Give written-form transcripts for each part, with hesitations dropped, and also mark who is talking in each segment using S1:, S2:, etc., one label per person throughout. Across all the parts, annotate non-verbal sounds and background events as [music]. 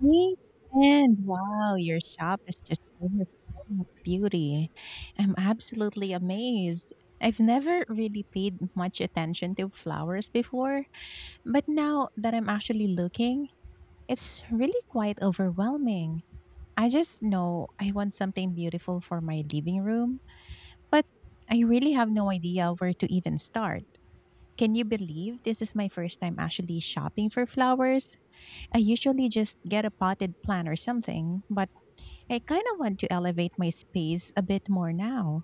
S1: Hey, friend. Wow, your shop is just overflowing with beauty. I'm absolutely amazed. I've never really paid much attention to flowers before, but now that I'm actually looking, it's really quite overwhelming. I just know I want something beautiful for my living room, but I really have no idea where to even start. Can you believe this is my first time actually shopping for flowers? I usually just get a potted plant or something, but I kind of want to elevate my space a bit more now.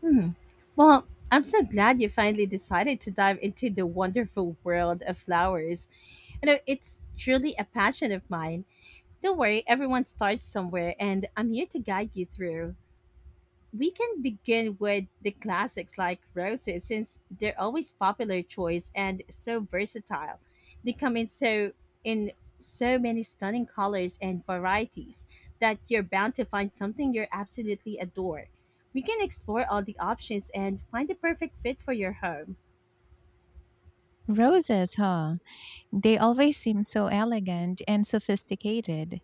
S2: Hmm. Well, I'm so glad you finally decided to dive into the wonderful world of flowers. It's truly a passion of mine. Don't worry, everyone starts somewhere, and I'm here to guide you through. We can begin with the classics like roses, since they're always popular choice and so versatile. They come in in so many stunning colors and varieties that you're bound to find something you absolutely adore. We can explore all the options and find the perfect fit for your home.
S1: Roses, huh? They always seem so elegant and sophisticated.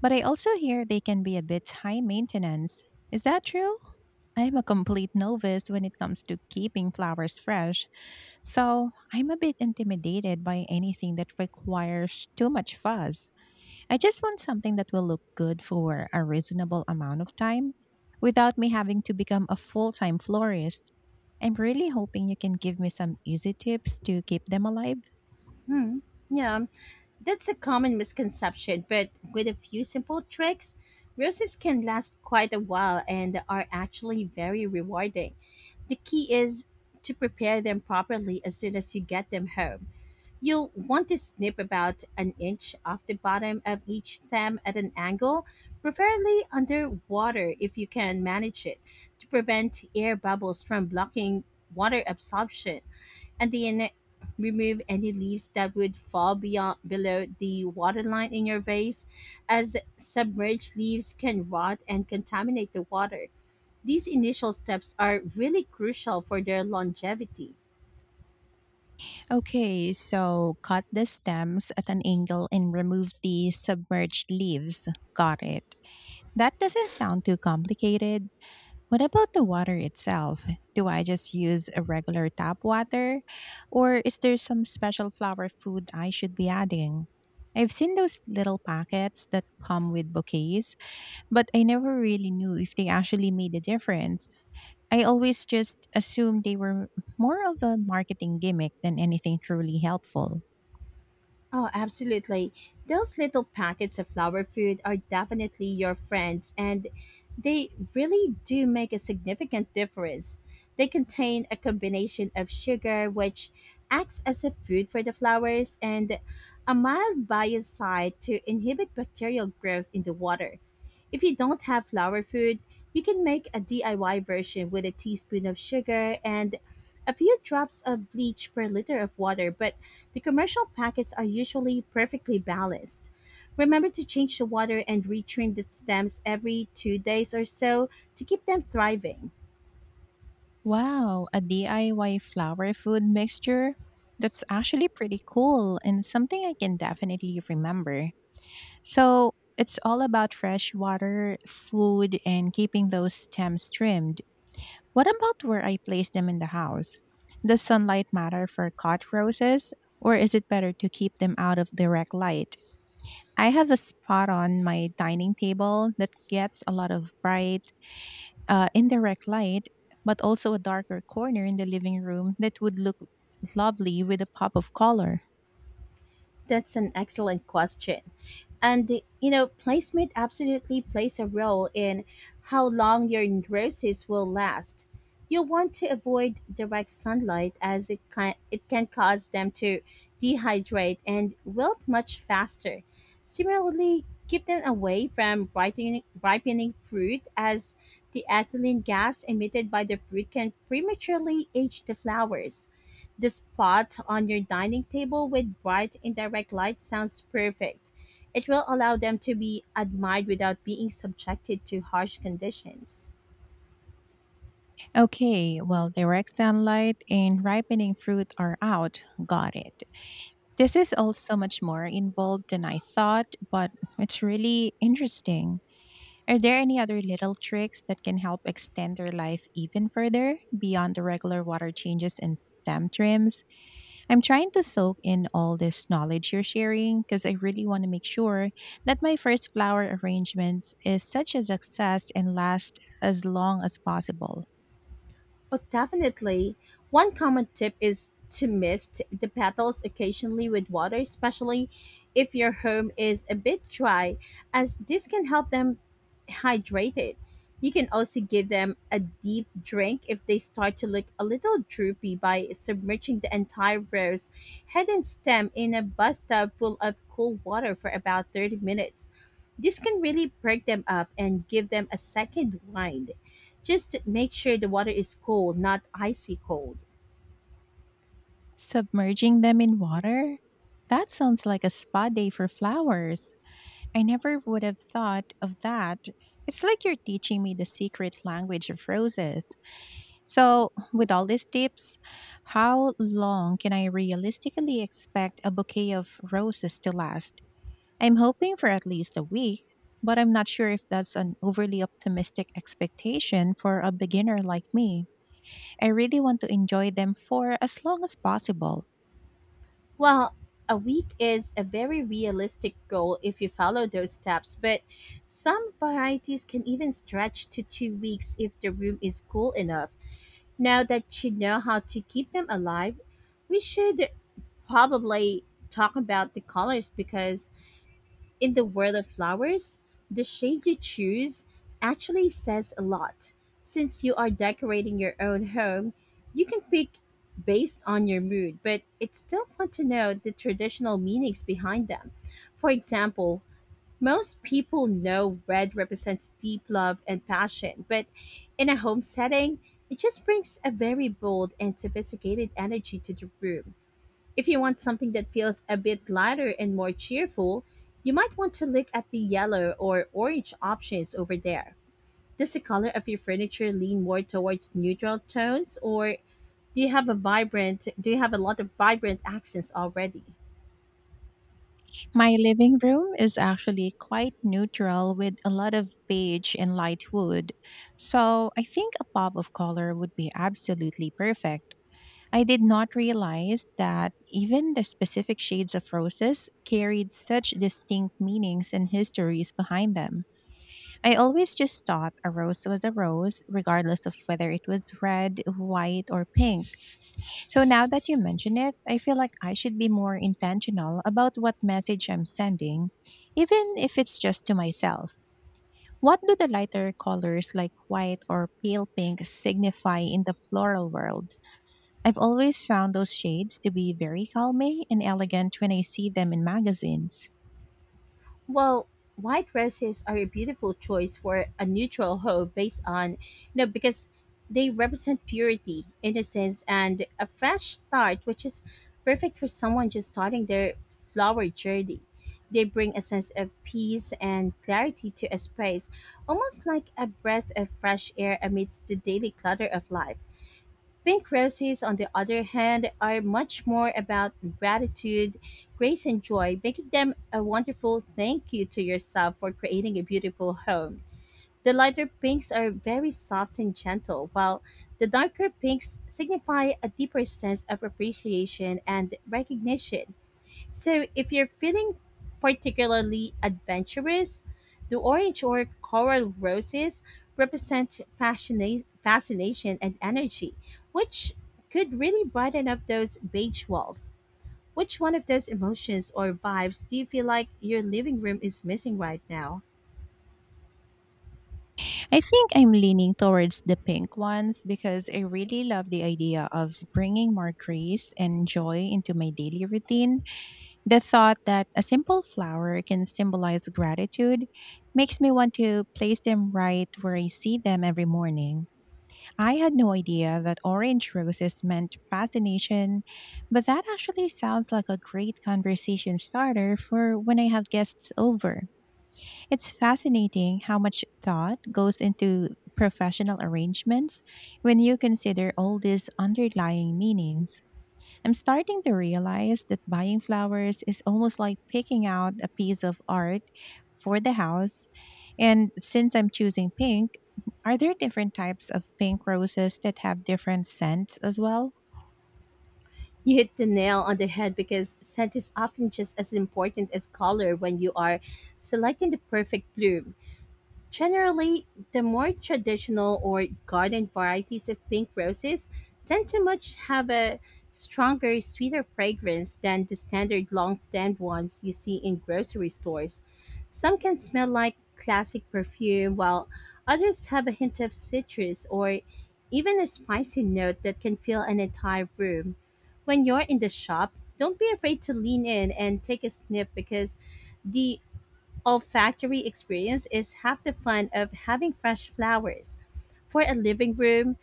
S1: But I also hear they can be a bit high maintenance. Is that true? I'm a complete novice when it comes to keeping flowers fresh, so I'm a bit intimidated by anything that requires too much fuss. I just want something that will look good for a reasonable amount of time without me having to become a full time florist. I'm really hoping you can give me some easy tips to keep them alive.
S2: Hmm. Yeah, that's a common misconception, but with a few simple tricks, roses can last quite a while and are actually very rewarding. The key is to prepare them properly as soon as you get them home. You'll want to snip about an inch off the bottom of each stem at an angle, preferably underwater if you can manage it, to prevent air bubbles from blocking water absorption. At the end, remove any leaves that would fall beyond below the water line in your vase, as submerged leaves can rot and contaminate the water. These initial steps are really crucial for their longevity.
S1: Okay, so cut the stems at an angle and remove the submerged leaves. Got it. That doesn't sound too complicated. What about the water itself? Do I just use a regular tap water? Or is there some special flower food I should be adding? I've seen those little packets that come with bouquets, but I never really knew if they actually made a difference. I always just assumed they were more of a marketing gimmick than anything truly helpful.
S2: Oh, absolutely. Those little packets of flower food are definitely your friends, and they really do make a significant difference. They contain a combination of sugar, which acts as a food for the flowers, and a mild biocide to inhibit bacterial growth in the water. If you don't have flower food, you can make a DIY version with a teaspoon of sugar and a few drops of bleach per liter of water, but the commercial packets are usually perfectly balanced. Remember to change the water and retrim the stems every 2 days or so to keep them thriving.
S1: Wow, a DIY flower food mixture? That's actually pretty cool and something I can definitely remember. So it's all about fresh water, food, and keeping those stems trimmed. What about where I place them in the house? Does sunlight matter for cot roses, or is it better to keep them out of direct light? I have a spot on my dining table that gets a lot of bright, indirect light, but also a darker corner in the living room that would look lovely with a pop of color.
S2: That's an excellent question. And placement absolutely plays a role in how long your roses will last. You'll want to avoid direct sunlight, as it can cause them to dehydrate and wilt much faster. Similarly, keep them away from ripening fruit, as the ethylene gas emitted by the fruit can prematurely age the flowers. The spot on your dining table with bright indirect light sounds perfect. It will allow them to be admired without being subjected to harsh conditions.
S1: Okay, well, direct sunlight and ripening fruit are out. Got it. This is all so much more involved than I thought, but it's really interesting. Are there any other little tricks that can help extend their life even further beyond the regular water changes and stem trims? I'm trying to soak in all this knowledge you're sharing because I really want to make sure that my first flower arrangement is such a success and lasts as long as possible.
S2: Oh, definitely. One common tip is to mist the petals occasionally with water, especially if your home is a bit dry, as this can help them hydrated. You can also give them a deep drink if they start to look a little droopy by submerging the entire rose head and stem in a bathtub full of cool water for about 30 minutes. This can really perk them up and give them a second wind. Just make sure the water is cold, not icy cold.
S1: Submerging them in water? That sounds like a spa day for flowers. I never would have thought of that. It's like you're teaching me the secret language of roses. So, with all these tips, how long can I realistically expect a bouquet of roses to last? I'm hoping for at least a week, but I'm not sure if that's an overly optimistic expectation for a beginner like me. I really want to enjoy them for as long as possible.
S2: Well, a week is a very realistic goal if you follow those steps, but some varieties can even stretch to 2 weeks if the room is cool enough. Now that you know how to keep them alive, we should probably talk about the colors, because in the world of flowers, the shade you choose actually says a lot. Since you are decorating your own home, you can pick based on your mood, but it's still fun to know the traditional meanings behind them. For example, most people know red represents deep love and passion, but in a home setting, it just brings a very bold and sophisticated energy to the room. If you want something that feels a bit lighter and more cheerful, you might want to look at the yellow or orange options over there. Does the color of your furniture lean more towards neutral tones, or do you have a lot of vibrant accents already?
S1: My living room is actually quite neutral with a lot of beige and light wood, so I think a pop of color would be absolutely perfect. I did not realize that even the specific shades of roses carried such distinct meanings and histories behind them. I always just thought a rose was a rose, regardless of whether it was red, white, or pink. So now that you mention it, I feel like I should be more intentional about what message I'm sending, even if it's just to myself. What do the lighter colors like white or pale pink signify in the floral world? I've always found those shades to be very calming and elegant when I see them in magazines.
S2: Well, white dresses are a beautiful choice for a neutral home based on, because they represent purity, innocence, and a fresh start, which is perfect for someone just starting their flower journey. They bring a sense of peace and clarity to a space, almost like a breath of fresh air amidst the daily clutter of life. Pink roses, on the other hand, are much more about gratitude, grace, and joy, making them a wonderful thank you to yourself for creating a beautiful home. The lighter pinks are very soft and gentle, while the darker pinks signify a deeper sense of appreciation and recognition. So, if you're feeling particularly adventurous, the orange or coral roses represent fascination and energy, which could really brighten up those beige walls. Which one of those emotions or vibes do you feel like your living room is missing right now?
S1: I think I'm leaning towards the pink ones because I really love the idea of bringing more grace and joy into my daily routine. The thought that a simple flower can symbolize gratitude makes me want to place them right where I see them every morning. I had no idea that orange roses meant fascination, but that actually sounds like a great conversation starter for when I have guests over. It's fascinating how much thought goes into professional arrangements when you consider all these underlying meanings. I'm starting to realize that buying flowers is almost like picking out a piece of art for the house. And since I'm choosing pink, are there different types of pink roses that have different scents as well?
S2: You hit the nail on the head, because scent is often just as important as color when you are selecting the perfect bloom. Generally, the more traditional or garden varieties of pink roses tend to much have a stronger, sweeter fragrance than the standard long-stemmed ones you see in grocery stores. Some can smell like classic perfume, while others have a hint of citrus or even a spicy note that can fill an entire room. When you're in the shop, don't be afraid to lean in and take a sniff, because the olfactory experience is half the fun of having fresh flowers. For a living room,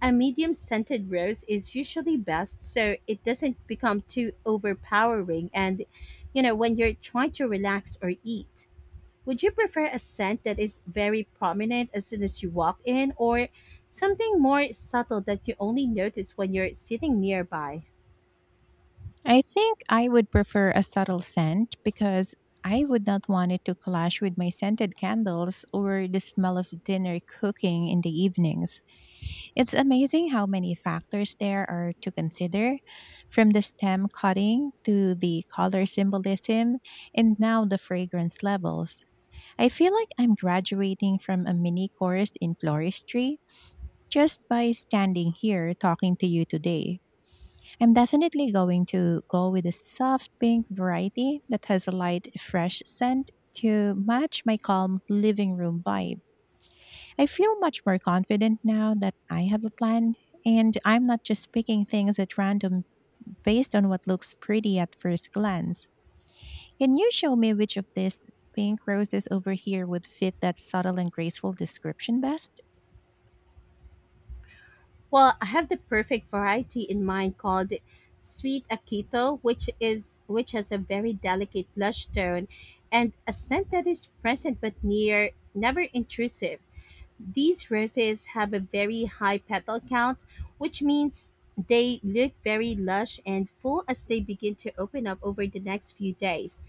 S2: a medium scented rose is usually best, so it doesn't become too overpowering and, when you're trying to relax or eat. Would you prefer a scent that is very prominent as soon as you walk in, or something more subtle that you only notice when you're sitting nearby?
S1: I think I would prefer a subtle scent because I would not want it to clash with my scented candles or the smell of dinner cooking in the evenings. It's amazing how many factors there are to consider, from the stem cutting to the color symbolism and now the fragrance levels. I feel like I'm graduating from a mini course in floristry just by standing here talking to you today. I'm definitely going to go with a soft pink variety that has a light, fresh scent to match my calm living room vibe. I feel much more confident now that I have a plan and I'm not just picking things at random based on what looks pretty at first glance. Can you show me which of these pink roses over here would fit that subtle and graceful description best?
S2: Well, I have the perfect variety in mind called Sweet Akito, which has a very delicate blush tone and a scent that is present but near never intrusive. These roses have a very high petal count, which means they look very lush and full as they begin to open up over the next few days.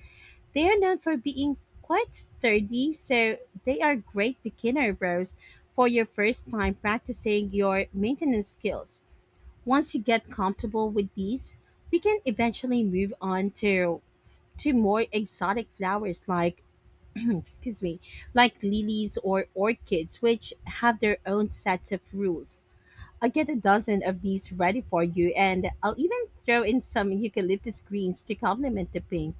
S2: They are known for being quite sturdy, so they are great beginner rows for your first time practicing your maintenance skills. Once you get comfortable with these, we can eventually move on to more exotic flowers like [clears throat] excuse me, like lilies or orchids, which have their own sets of rules. I'll get a dozen of these ready for you, and I'll even throw in some eucalyptus greens to complement the pink.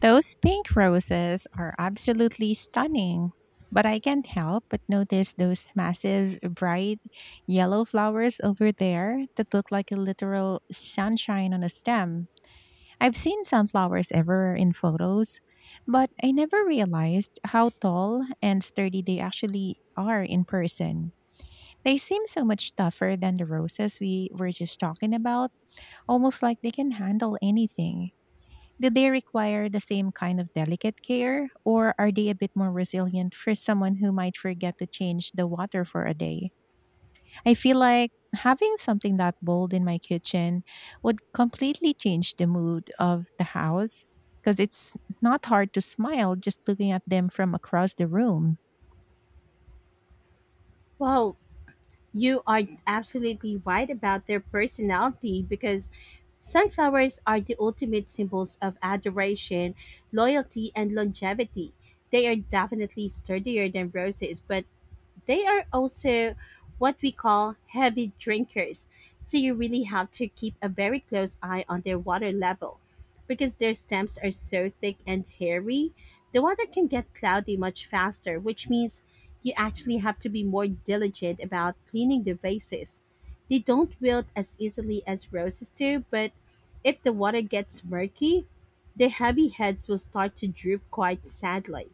S1: Those pink roses are absolutely stunning, but I can't help but notice those massive, bright yellow flowers over there that look like a literal sunshine on a stem. I've seen sunflowers ever in photos, but I never realized how tall and sturdy they actually are in person. They seem so much tougher than the roses we were just talking about, almost like they can handle anything. Do they require the same kind of delicate care, or are they a bit more resilient for someone who might forget to change the water for a day? I feel like having something that bold in my kitchen would completely change the mood of the house because it's not hard to smile just looking at them from across the room.
S2: Wow, you are absolutely right about their personality, because sunflowers are the ultimate symbols of adoration, loyalty, and longevity. They are definitely sturdier than roses, but they are also what we call heavy drinkers. So you really have to keep a very close eye on their water level. Because their stems are so thick and hairy, the water can get cloudy much faster, which means you actually have to be more diligent about cleaning the vases. They don't wilt as easily as roses do, but if the water gets murky, the heavy heads will start to droop quite sadly.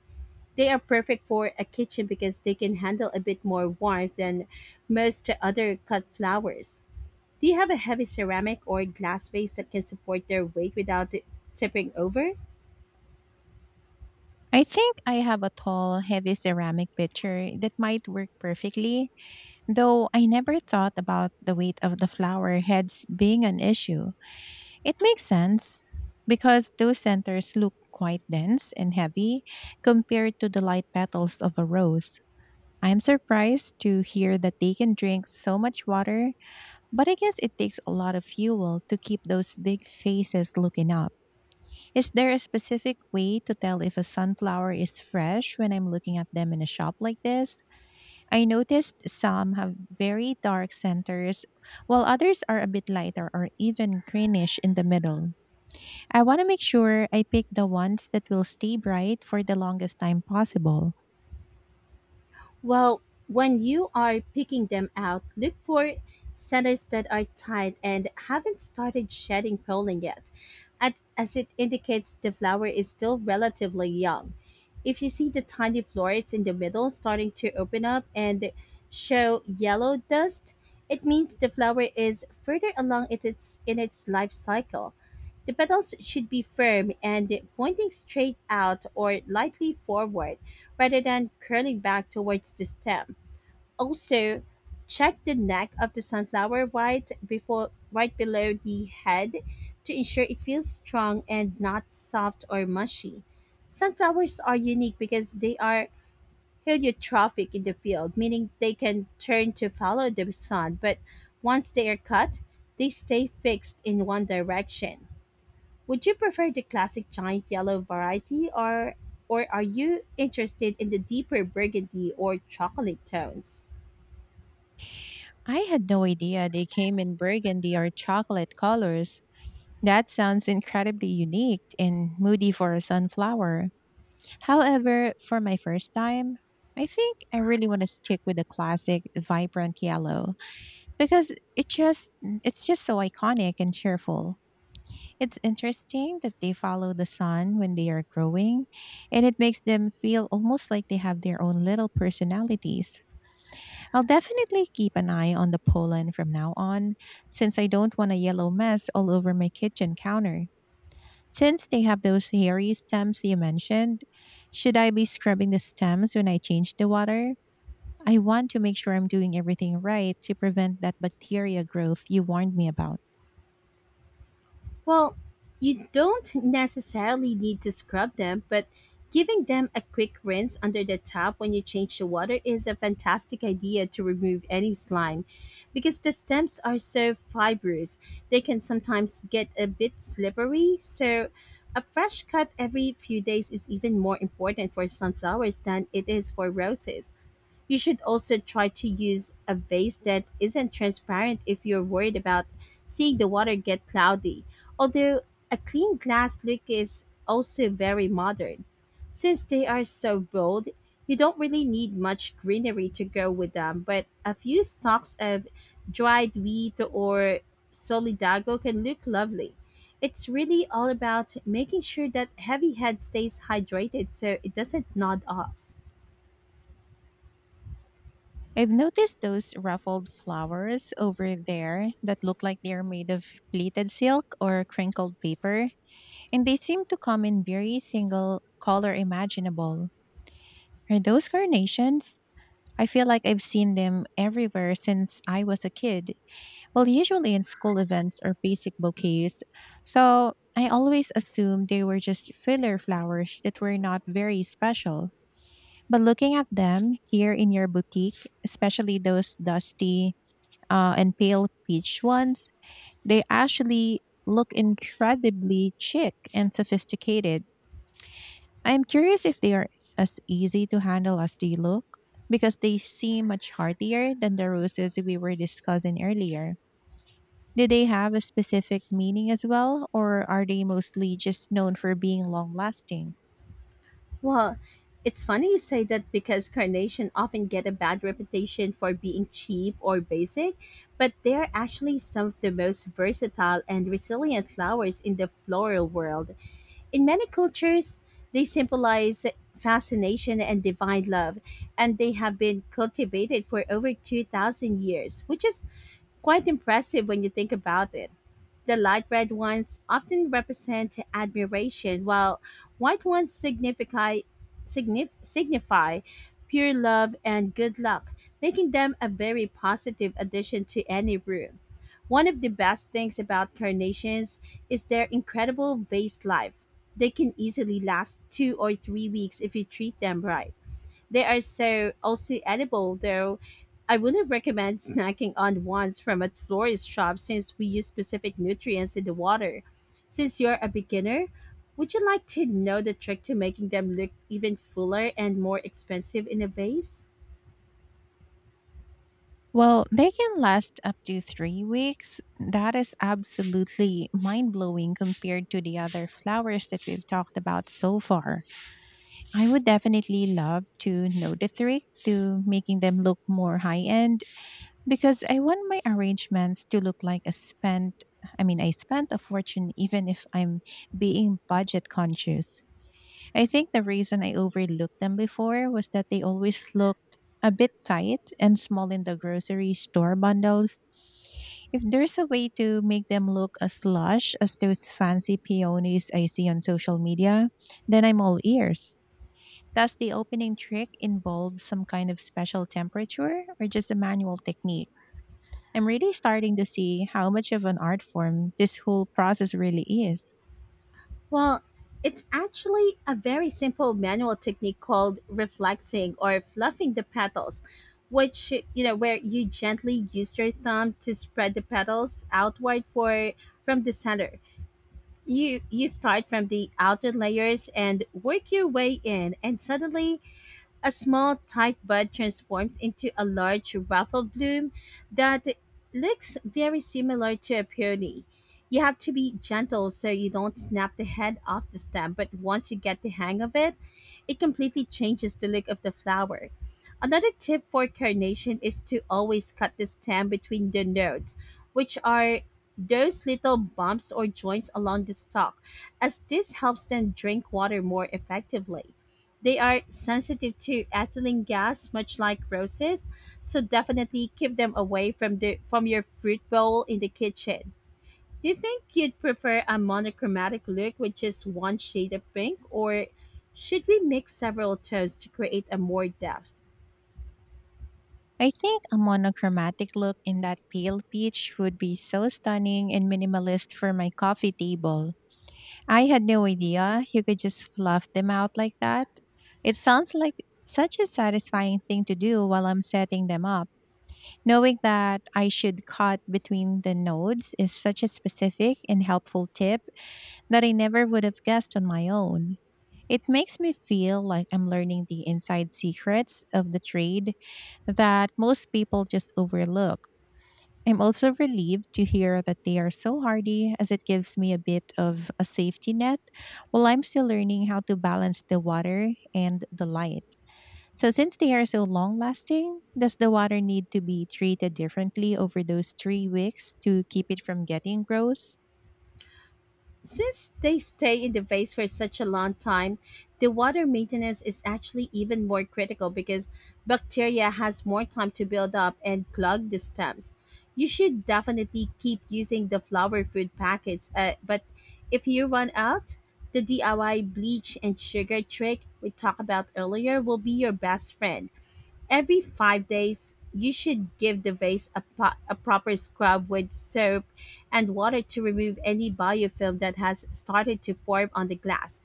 S2: They are perfect for a kitchen, because they can handle a bit more warmth than most other cut flowers. Do you have a heavy ceramic or glass vase that can support their weight without it tipping over?
S1: I think I have a tall, heavy ceramic pitcher that might work perfectly, though I never thought about the weight of the flower heads being an issue. It makes sense because those centers look quite dense and heavy compared to the light petals of a rose. I'm surprised to hear that they can drink so much water, but I guess it takes a lot of fuel to keep those big faces looking up. Is there a specific way to tell if a sunflower is fresh when I'm looking at them in a shop like this? I noticed some have very dark centers, while others are a bit lighter or even greenish in the middle. I want to make sure I pick the ones that will stay bright for the longest time possible.
S2: Well, when you are picking them out, look for centers that are tied and haven't started shedding pollen yet, as it indicates the flower is still relatively young. If you see the tiny florets in the middle starting to open up and show yellow dust, it means the flower is further along it- its in its life cycle. The petals should be firm and pointing straight out or lightly forward rather than curling back towards the stem. Also, check the neck of the sunflower right below the head to ensure it feels strong and not soft or mushy. Sunflowers are unique because they are heliotrophic in the field, meaning they can turn to follow the sun, but once they are cut, they stay fixed in one direction. Would you prefer the classic giant yellow variety, or are you interested in the deeper burgundy or chocolate tones?
S1: I had no idea they came in burgundy or chocolate colors. That sounds incredibly unique and moody for a sunflower. However, for my first time, I think I really want to stick with the classic vibrant yellow because it's just so iconic and cheerful. It's interesting that they follow the sun when they are growing and it makes them feel almost like they have their own little personalities. I'll definitely keep an eye on the pollen from now on, since I don't want a yellow mess all over my kitchen counter. Since they have those hairy stems you mentioned, should I be scrubbing the stems when I change the water? I want to make sure I'm doing everything right to prevent that bacteria growth you warned me about.
S2: Well, you don't necessarily need to scrub them, but giving them a quick rinse under the tap when you change the water is a fantastic idea to remove any slime, because the stems are so fibrous. They can sometimes get a bit slippery, so a fresh cut every few days is even more important for sunflowers than it is for roses. You should also try to use a vase that isn't transparent if you're worried about seeing the water get cloudy, although a clean glass look is also very modern. Since they are so bold, you don't really need much greenery to go with them, but a few stalks of dried wheat or solidago can look lovely. It's really all about making sure that heavy head stays hydrated so it doesn't nod off.
S1: I've noticed those ruffled flowers over there that look like they're made of pleated silk or crinkled paper, and they seem to come in very single color imaginable. Are those carnations? I feel like I've seen them everywhere since I was a kid. Well, usually in school events or basic bouquets. So I always assumed they were just filler flowers that were not very special. But looking at them here in your boutique, especially those dusty, and pale peach ones, they actually look incredibly chic and sophisticated. I'm curious if they are as easy to handle as they look because they seem much heartier than the roses we were discussing earlier. Do they have a specific meaning as well, or are they mostly just known for being long lasting?
S2: Well, it's funny you say that because carnation often get a bad reputation for being cheap or basic, but they are actually some of the most versatile and resilient flowers in the floral world. In many cultures, they symbolize fascination and divine love, and they have been cultivated for over 2,000 years, which is quite impressive when you think about it. The light red ones often represent admiration, while white ones signify pure love and good luck, making them a very positive addition to any room. One of the best things about carnations is their incredible vase life. They can easily last 2 or 3 weeks if you treat them right. They are so also edible, though I wouldn't recommend snacking on ones from a florist shop since we use specific nutrients in the water. Since you're a beginner, would you like to know the trick to making them look even fuller and more expensive in a vase?
S1: Well, they can last up to 3 weeks. That is absolutely mind blowing compared to the other flowers that we've talked about so far. I would definitely love to know the trick to making them look more high end because I want my arrangements to look like a spent I mean I spent a fortune even if I'm being budget conscious. I think the reason I overlooked them before was that they always looked a bit tight and small in the grocery store bundles. If there's a way to make them look as lush as those fancy peonies I see on social media, then I'm all ears. Does the opening trick involve some kind of special temperature or just a manual technique? I'm really starting to see how much of an art form this whole process really is.
S2: Well, it's actually a very simple manual technique called reflexing or fluffing the petals, which, you know, where you gently use your thumb to spread the petals outward for from the center. You start from the outer layers and work your way in, and suddenly a small, tight bud transforms into a large, ruffled bloom that looks very similar to a peony. You have to be gentle so you don't snap the head off the stem, but once you get the hang of it, it completely changes the look of the flower. Another tip for carnation is to always cut the stem between the nodes, which are those little bumps or joints along the stalk, as this helps them drink water more effectively. They are sensitive to ethylene gas, much like roses, so definitely keep them away from your fruit bowl in the kitchen. Do you think you'd prefer a monochromatic look with just one shade of pink, or should we mix several tones to create a more depth?
S1: I think a monochromatic look in that pale peach would be so stunning and minimalist for my coffee table. I had no idea you could just fluff them out like that. It sounds like such a satisfying thing to do while I'm setting them up. Knowing that I should cut between the nodes is such a specific and helpful tip that I never would have guessed on my own. It makes me feel like I'm learning the inside secrets of the trade that most people just overlook. I'm also relieved to hear that they are so hardy, as it gives me a bit of a safety net while I'm still learning how to balance the water and the light. So, since they are so long lasting, does the water need to be treated differently over those 3 weeks to keep it from getting gross?
S2: Since they stay in the vase for such a long time, the water maintenance is actually even more critical because bacteria has more time to build up and clog the stems. You should definitely keep using the flower food packets, but if you run out, the DIY bleach and sugar trick we talked about earlier will be your best friend. Every 5 days, you should give the vase a proper scrub with soap and water to remove any biofilm that has started to form on the glass.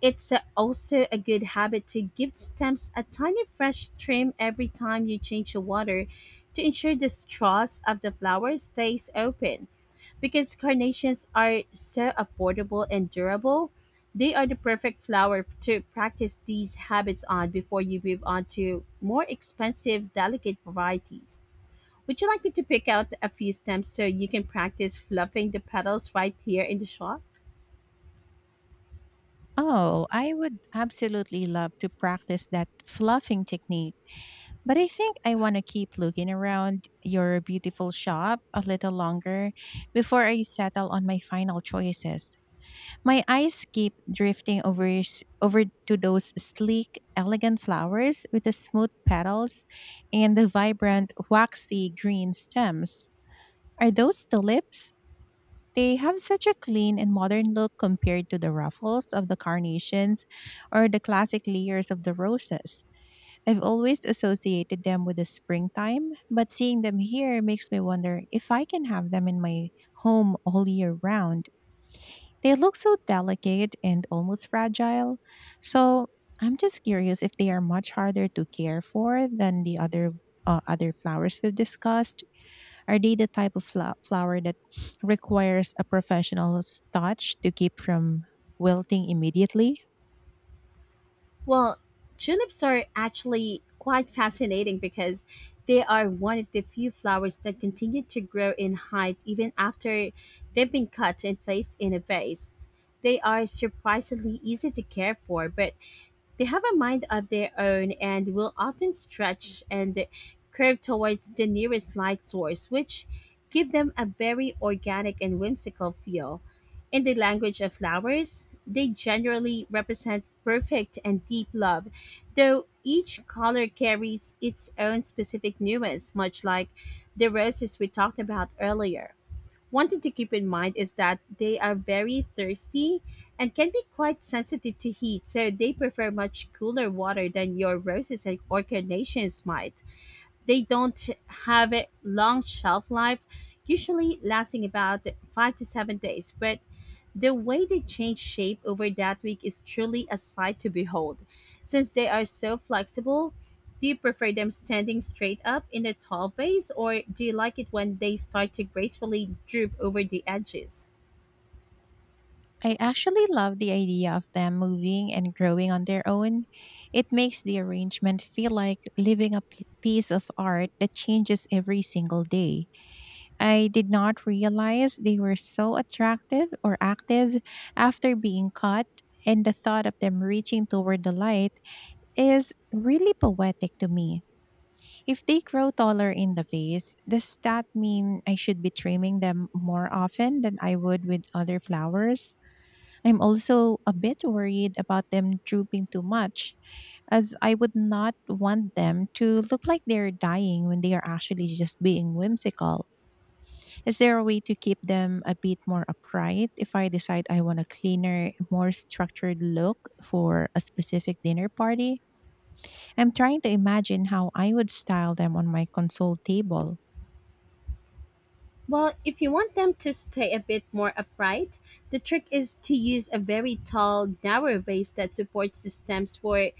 S2: It's also a good habit to give the stems a tiny fresh trim every time you change the water to ensure the straws of the flower stays open. Because carnations are so affordable and durable, they are the perfect flower to practice these habits on before you move on to more expensive, delicate varieties. Would you like me to pick out a few stems so you can practice fluffing the petals right here in the shop?
S1: Oh, I would absolutely love to practice that fluffing technique, but I think I want to keep looking around your beautiful shop a little longer before I settle on my final choices. My eyes keep drifting over to those sleek, elegant flowers with the smooth petals and the vibrant, waxy green stems. Are those tulips? They have such a clean and modern look compared to the ruffles of the carnations or the classic layers of the roses. I've always associated them with the springtime, but seeing them here makes me wonder if I can have them in my home all year round. They look so delicate and almost fragile. So I'm just curious if they are much harder to care for than the other flowers we've discussed. Are they the type of flower that requires a professional's touch to keep from wilting immediately?
S2: Well, tulips are actually quite fascinating because they are one of the few flowers that continue to grow in height even after they've been cut and placed in a vase. They are surprisingly easy to care for, but they have a mind of their own and will often stretch and curve towards the nearest light source, which give them a very organic and whimsical feel. In the language of flowers, they generally represent perfect and deep love, though each color carries its own specific nuance, much like the roses we talked about earlier. One thing to keep in mind is that they are very thirsty and can be quite sensitive to heat, so they prefer much cooler water than your roses and carnations might. They don't have a long shelf life, usually lasting about 5 to 7 days, but the way they change shape over that week is truly a sight to behold. Since they are so flexible, do you prefer them standing straight up in a tall vase, or do you like it when they start to gracefully droop over the edges?
S1: I actually love the idea of them moving and growing on their own. It makes the arrangement feel like living a piece of art that changes every single day. I did not realize they were so attractive or active after being caught, and the thought of them reaching toward the light is really poetic to me. If they grow taller in the vase, does that mean I should be trimming them more often than I would with other flowers? I'm also a bit worried about them drooping too much, as I would not want them to look like they're dying when they are actually just being whimsical. Is there a way to keep them a bit more upright if I decide I want a cleaner, more structured look for a specific dinner party? I'm trying to imagine how I would style them on my console table.
S2: Well, if you want them to stay a bit more upright, the trick is to use a very tall, narrow vase that supports the stems for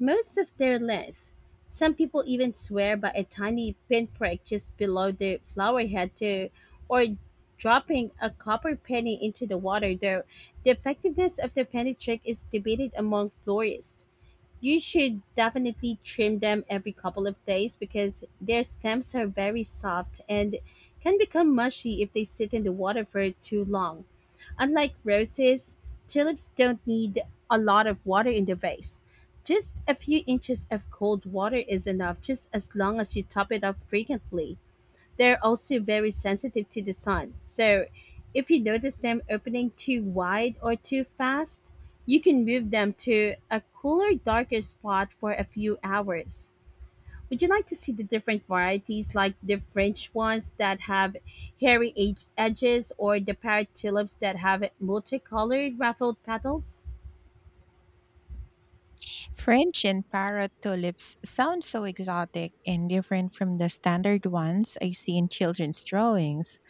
S2: most of their length. Some people even swear by a tiny pinprick just below the flower head, to, or dropping a copper penny into the water, though the effectiveness of the penny trick is debated among florists. You should definitely trim them every couple of days because their stems are very soft and can become mushy if they sit in the water for too long. Unlike roses, tulips don't need a lot of water in the vase. Just a few inches of cold water is enough, just as long as you top it up frequently. They're also very sensitive to the sun. So, if you notice them opening too wide or too fast, you can move them to a cooler, darker spot for a few hours. Would you like to see the different varieties, like the French ones that have hairy edges, or the parrot tulips that have multicolored ruffled petals?
S1: French and parrot tulips sound so exotic and different from the standard ones I see in children's drawings.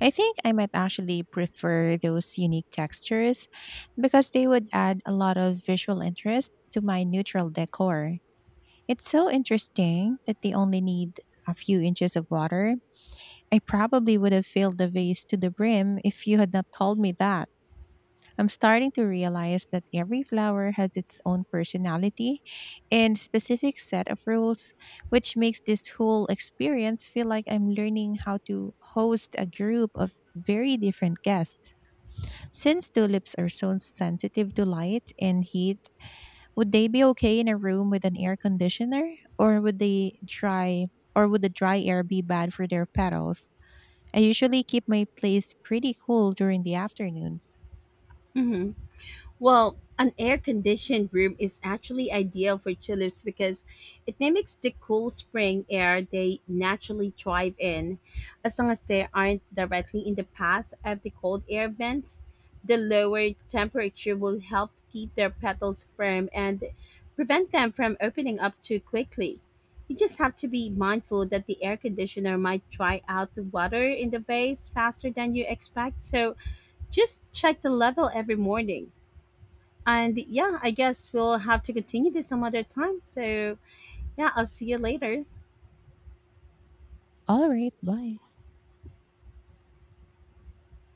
S1: I think I might actually prefer those unique textures because they would add a lot of visual interest to my neutral decor. It's so interesting that they only need a few inches of water. I probably would have filled the vase to the brim if you had not told me that. I'm starting to realize that every flower has its own personality and specific set of rules, which makes this whole experience feel like I'm learning how to host a group of very different guests. Since tulips are so sensitive to light and heat, would they be okay in a room with an air conditioner, or would the dry air be bad for their petals? I usually keep my place pretty cool during the afternoons.
S2: hmm Well, an air conditioned room is actually ideal for tulips because it mimics the cool spring air they naturally thrive in. As long as they aren't directly in the path of the cold air vents, the lower temperature will help keep their petals firm and prevent them from opening up too quickly. You just have to be mindful that the air conditioner might dry out the water in the vase faster than you expect, so just check the level every morning. And yeah, I guess we'll have to continue this some other time. So yeah, I'll see you later.
S1: All right, bye.